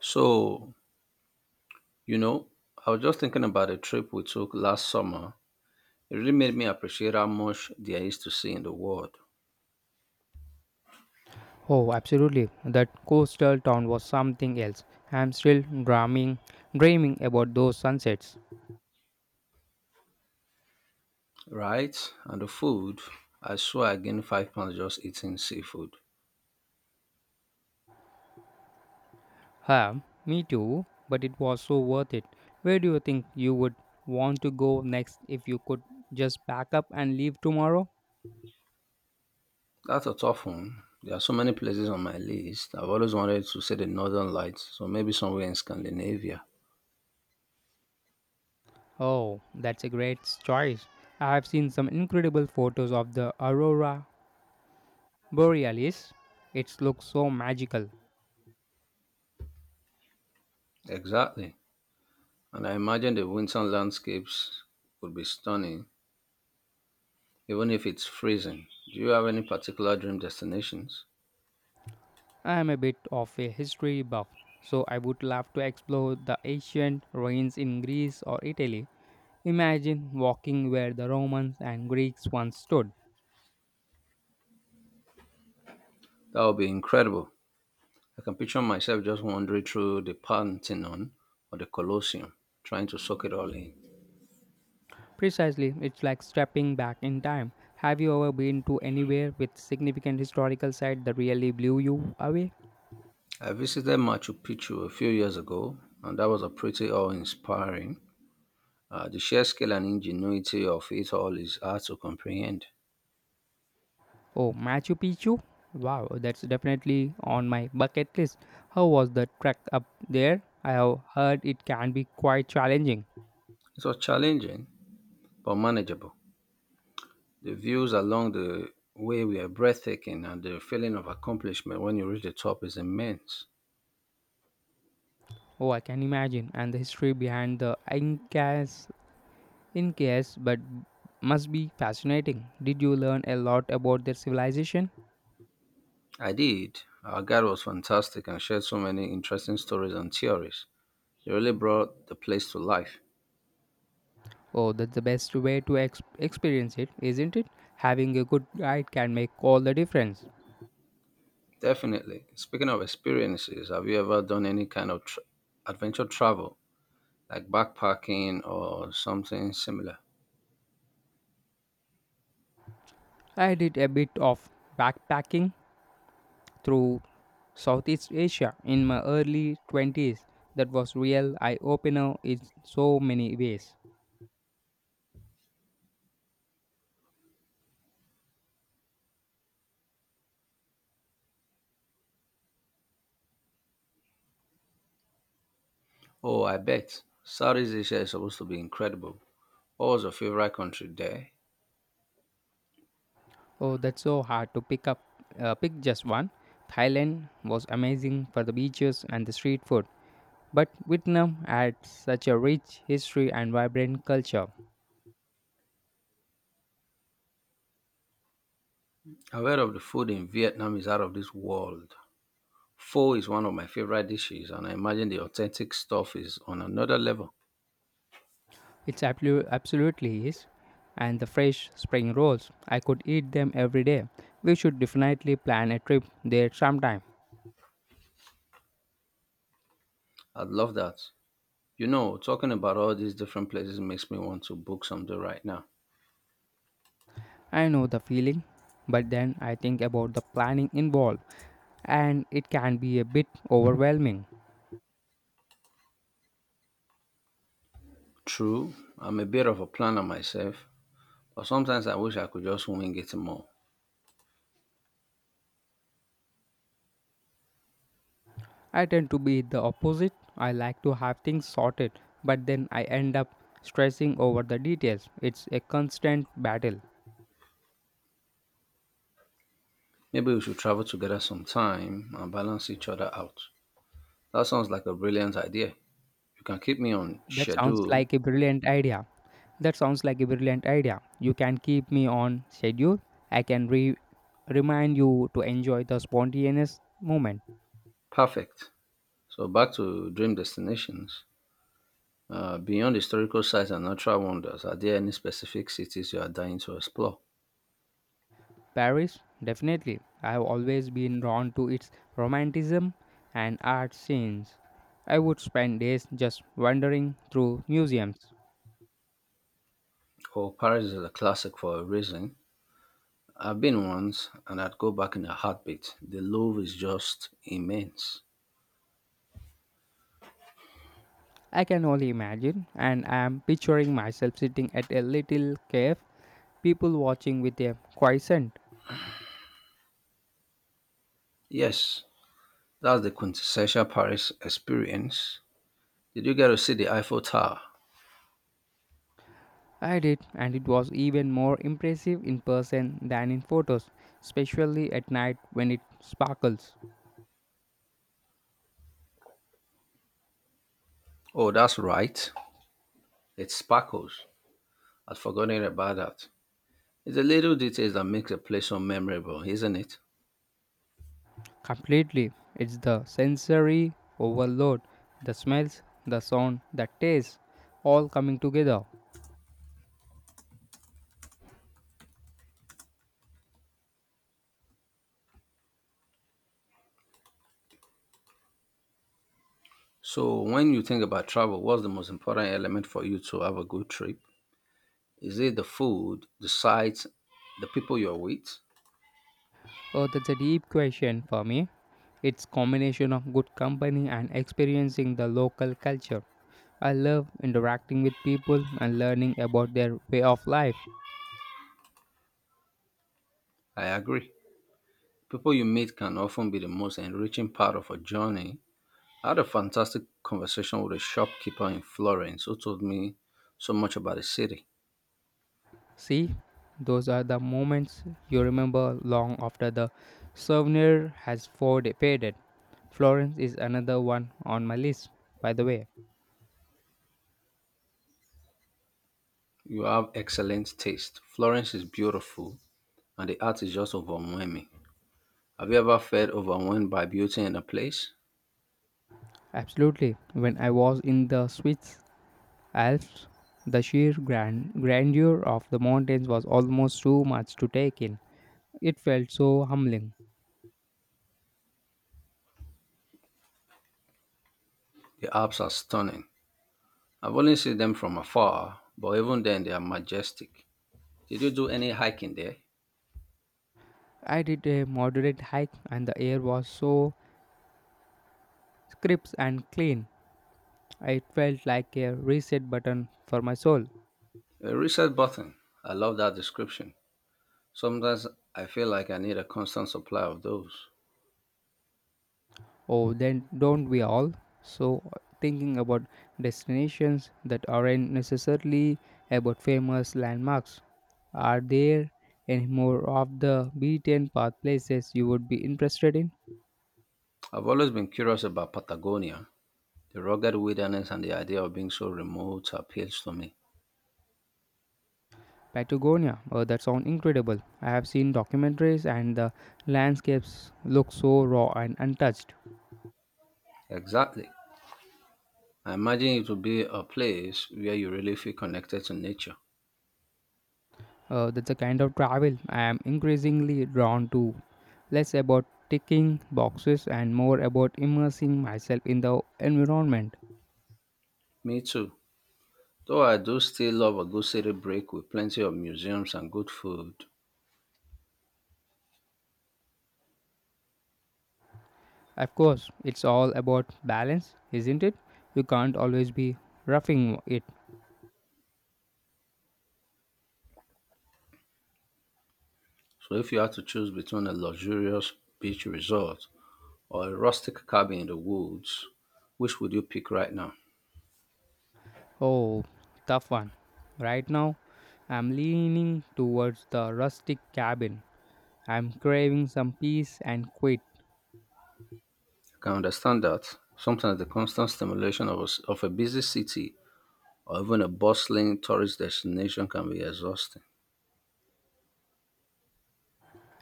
So, you know, I was just thinking about a trip we took last summer. It really made me appreciate how much there is to see in the world, Oh, absolutely. That coastal town was something else. I'm still dreaming about those sunsets. right? And the food, I swear I gained 5 pounds just eating seafood. Huh, me too, but it was so worth it. Where do you think you would want to go next if you could just pack up and leave tomorrow? That's a tough one. There are so many places on my list. I've always wanted to see the Northern Lights, so maybe somewhere in Scandinavia. Oh, that's a great choice. I have seen some incredible photos of the aurora borealis. It looks so magical. Exactly. And I imagine the winter landscapes would be stunning, even if it's freezing. Do you have any particular dream destinations? I am a bit of a history buff, so I would love to explore the ancient ruins in Greece or Italy. Imagine walking where the Romans and Greeks once stood. That would be incredible. I can picture myself just wandering through the Parthenon or the Colosseum, trying to soak it all in. Precisely, it's like stepping back in time. Have you ever been to anywhere with significant historical site that really blew you away? I visited Machu Picchu a few years ago, and that was a pretty awe-inspiring. The sheer scale and ingenuity of it all is hard to comprehend. Oh, Machu Picchu? Wow, that's definitely on my bucket list. How was the trek up there? I have heard it can be quite challenging. It was challenging, but manageable. The views along the way were breathtaking, and the feeling of accomplishment when you reach the top is immense. Oh, I can imagine. And the history behind the Incas, Incas, but must be fascinating. Did you learn a lot about their civilization? I did. Our guide was fantastic and shared so many interesting stories and theories. You really brought the place to life. Oh, that's the best way to experience it, isn't it? Having a good guide can make all the difference. Definitely. Speaking of experiences, have you ever done any kind of tr adventure travel, like backpacking or something similar? I did a bit of backpacking through Southeast Asia in my early 20s. That was real eye opener in so many ways. Oh, I bet. Southeast Asia is supposed to be incredible. What was your favorite country there? Oh, that's so hard to pick up. Pick just one. Thailand was amazing for the beaches and the street food, but Vietnam had such a rich history and vibrant culture. I've heard of the food in Vietnam is out of this world. Pho is one of my favorite dishes, and I imagine the authentic stuff is on another level. It's absolutely is, and the fresh spring rolls. I could eat them every day. We should definitely plan a trip there sometime. I'd love that. You know, talking about all these different places makes me want to book something right now. I know the feeling, but then I think about the planning involved, and it can be a bit overwhelming. True, I'm a bit of a planner myself, but sometimes I wish I could just wing it more. I tend to be the opposite. I like to have things sorted, but then I end up stressing over the details. It's a constant battle. Maybe we should travel together sometime and balance each other out. That sounds like a brilliant idea. You can keep me on That sounds schedule. like a brilliant idea. That sounds like a brilliant idea. You can keep me on schedule. I can remind you to enjoy the spontaneous moment. Perfect. So back to dream destinations. Beyond historical sites and natural wonders, are there any specific cities you are dying to explore? Paris, definitely. I have always been drawn to its romanticism and art scenes. I would spend days just wandering through museums. Oh, Paris is a classic for a reason. I've been once and I'd go back in a heartbeat. The love is just immense. I can only imagine, and I am picturing myself sitting at a little cave, people watching with a quiescent. Yes, that's the quintessential Paris experience. Did you get to see the Eiffel Tower? I did, and it was even more impressive in person than in photos, especially at night when it sparkles. Oh, that's right. It sparkles. I'd forgotten about that. It's the little details that makes a place so memorable, isn't it? Completely, it's the sensory overload, the smells, the sound, the taste, all coming together. So, when you think about travel, what's the most important element for you to have a good trip? Is it the food, the sights, the people you're with? Oh, that's a deep question for me. It's combination of good company and experiencing the local culture. I love interacting with people and learning about their way of life. I agree. People you meet can often be the most enriching part of a journey. I had a fantastic conversation with a shopkeeper in Florence who told me so much about the city. See, those are the moments you remember long after the souvenir has faded. Florence is another one on my list, by the way. You have excellent taste. Florence is beautiful and the art is just overwhelming. Have you ever felt overwhelmed by beauty in a place? Absolutely. When I was in the Swiss Alps, the sheer grandeur of the mountains was almost too much to take in. It felt so humbling. The Alps are stunning. I've only seen them from afar, but even then they are majestic. Did you do any hiking there? I did a moderate hike and the air was so crisp and clean. It felt like a reset button for my soul. A reset button. I love that description. Sometimes I feel like I need a constant supply of those. Oh, then don't we all? So, thinking about destinations that aren't necessarily about famous landmarks. Are there any more of the beaten path places you would be interested in? I've always been curious about Patagonia. The rugged wilderness and the idea of being so remote appeals to me. Patagonia, oh, that sounds incredible. I have seen documentaries and the landscapes look so raw and untouched. Exactly. I imagine it would be a place where you really feel connected to nature. That's the kind of travel I am increasingly drawn to. Less about ticking boxes and more about immersing myself in the environment. Me too. Though I do still love a good city break with plenty of museums and good food. Of course, it's all about balance, isn't it? You can't always be roughing it. So if you had to choose between a luxurious beach resort or a rustic cabin in the woods, which would you pick right now? Oh, tough one. Right now, I'm leaning towards the rustic cabin. I'm craving some peace and quiet. I can understand that. Sometimes the constant stimulation of of a busy city or even a bustling tourist destination can be exhausting.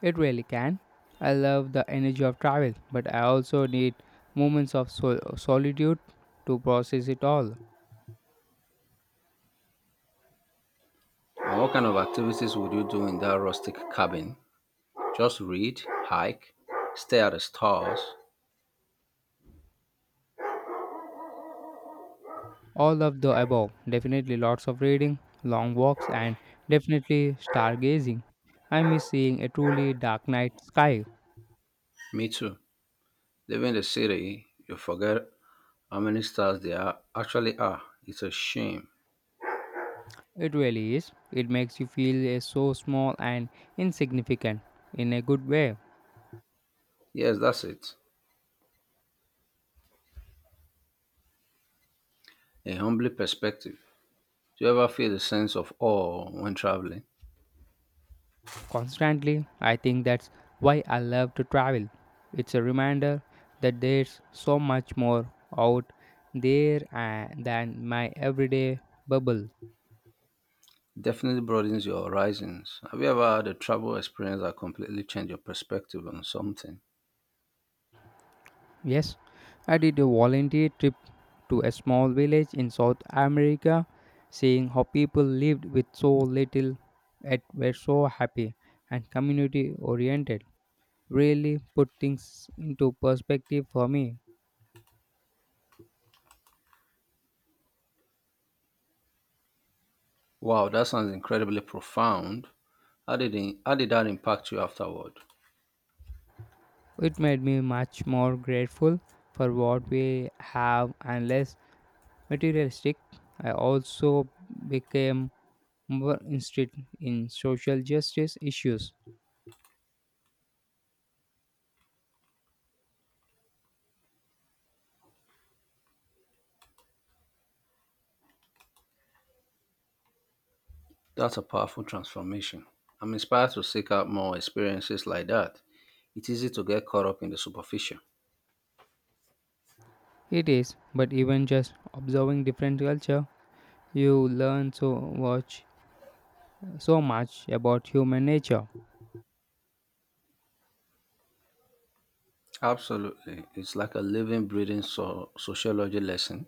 It really can. I love the energy of travel, but I also need moments of solitude to process it all. And what kind of activities would you do in that rustic cabin? Just read, hike, stare at the stars. All of the above. Definitely lots of reading, long walks, and definitely stargazing. I miss seeing a truly dark night sky. Me too. Living in the city, you forget how many stars actually are. It's a shame. It really is. It makes you feel so small and insignificant in a good way. Yes, that's it. A humbling perspective. Do you ever feel a sense of awe when traveling? Constantly, I think that's why I love to travel. It's a reminder that there's so much more out there than my everyday bubble. Definitely broadens your horizons. Have you ever had a travel experience that completely changed your perspective on something? Yes, I did a volunteer trip to a small village in South America, seeing how people lived with so little yet were so happy and community oriented. Really put things into perspective for me. Wow, that sounds incredibly profound. How did that impact you afterward? It made me much more grateful for what we have and less materialistic. I also became more interested in social justice issues. That's a powerful transformation. I'm inspired to seek out more experiences like that. It's easy to get caught up in the superficial. It is, but even just observing different culture, you learn so much about human nature. Absolutely. It's like a living, breathing sociology lesson.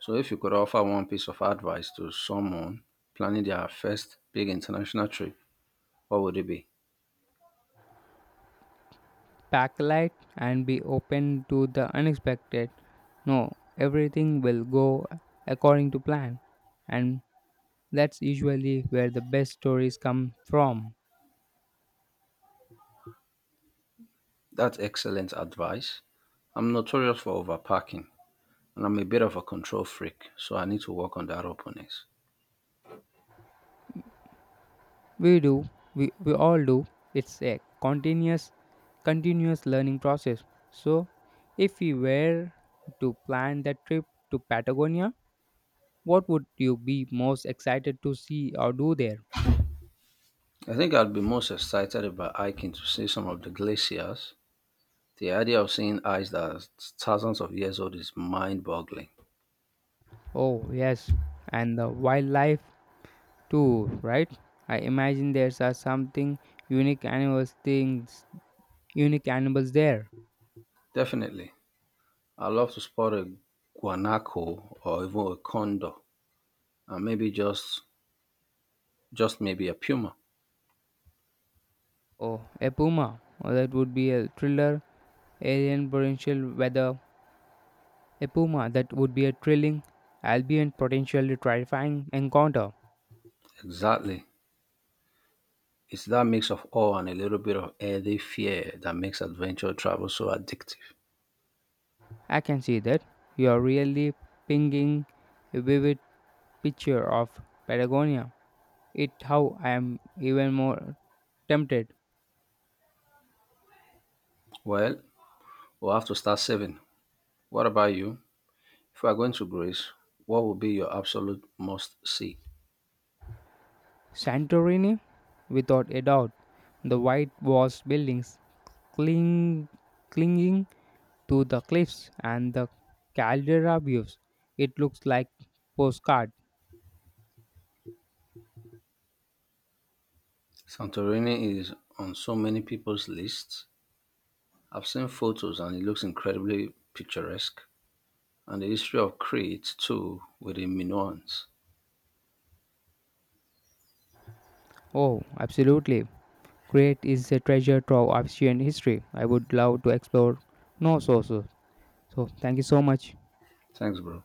So, if you could offer one piece of advice to someone planning their first big international trip, what would it be? Pack light and be open to the unexpected. No, everything will go according to plan, and that's usually where the best stories come from. That's excellent advice. I'm notorious for overpacking, and I'm a bit of a control freak, so I need to work on that openness. We do, we all do. It's a continuous learning process. So, if we were to plan that trip to Patagonia, what would you be most excited to see or do there? I think I'd be most excited about hiking to see some of the glaciers. The idea of seeing ice that's thousands of years old is mind boggling. Oh, yes, and the wildlife too, right? I imagine there's are something unique animals things unique animals there. Definitely. I'd love to spot a guanaco or even a condor and maybe just maybe a puma. Oh, a puma. Oh, that would be a thriller, alien potential weather A puma that would be a thrilling, albeit potentially terrifying encounter. Exactly. It's that mix of awe and a little bit of early fear that makes adventure travel so addictive. I can see that. You are really pinging a vivid picture of Patagonia. It how I am even more tempted. Well, we'll have to start saving. What about you? If we are going to Greece, what would be your absolute must see? Santorini? Without a doubt. The white washed buildings cling, clinging to the cliffs and the caldera views. It looks like postcard. Santorini is on so many people's lists. I've seen photos and it looks incredibly picturesque. And the history of Crete too with the Minoans. Oh, absolutely. Crete is a treasure trove of ancient history I would love to explore. No sources. So, thank you so much. Thanks, bro.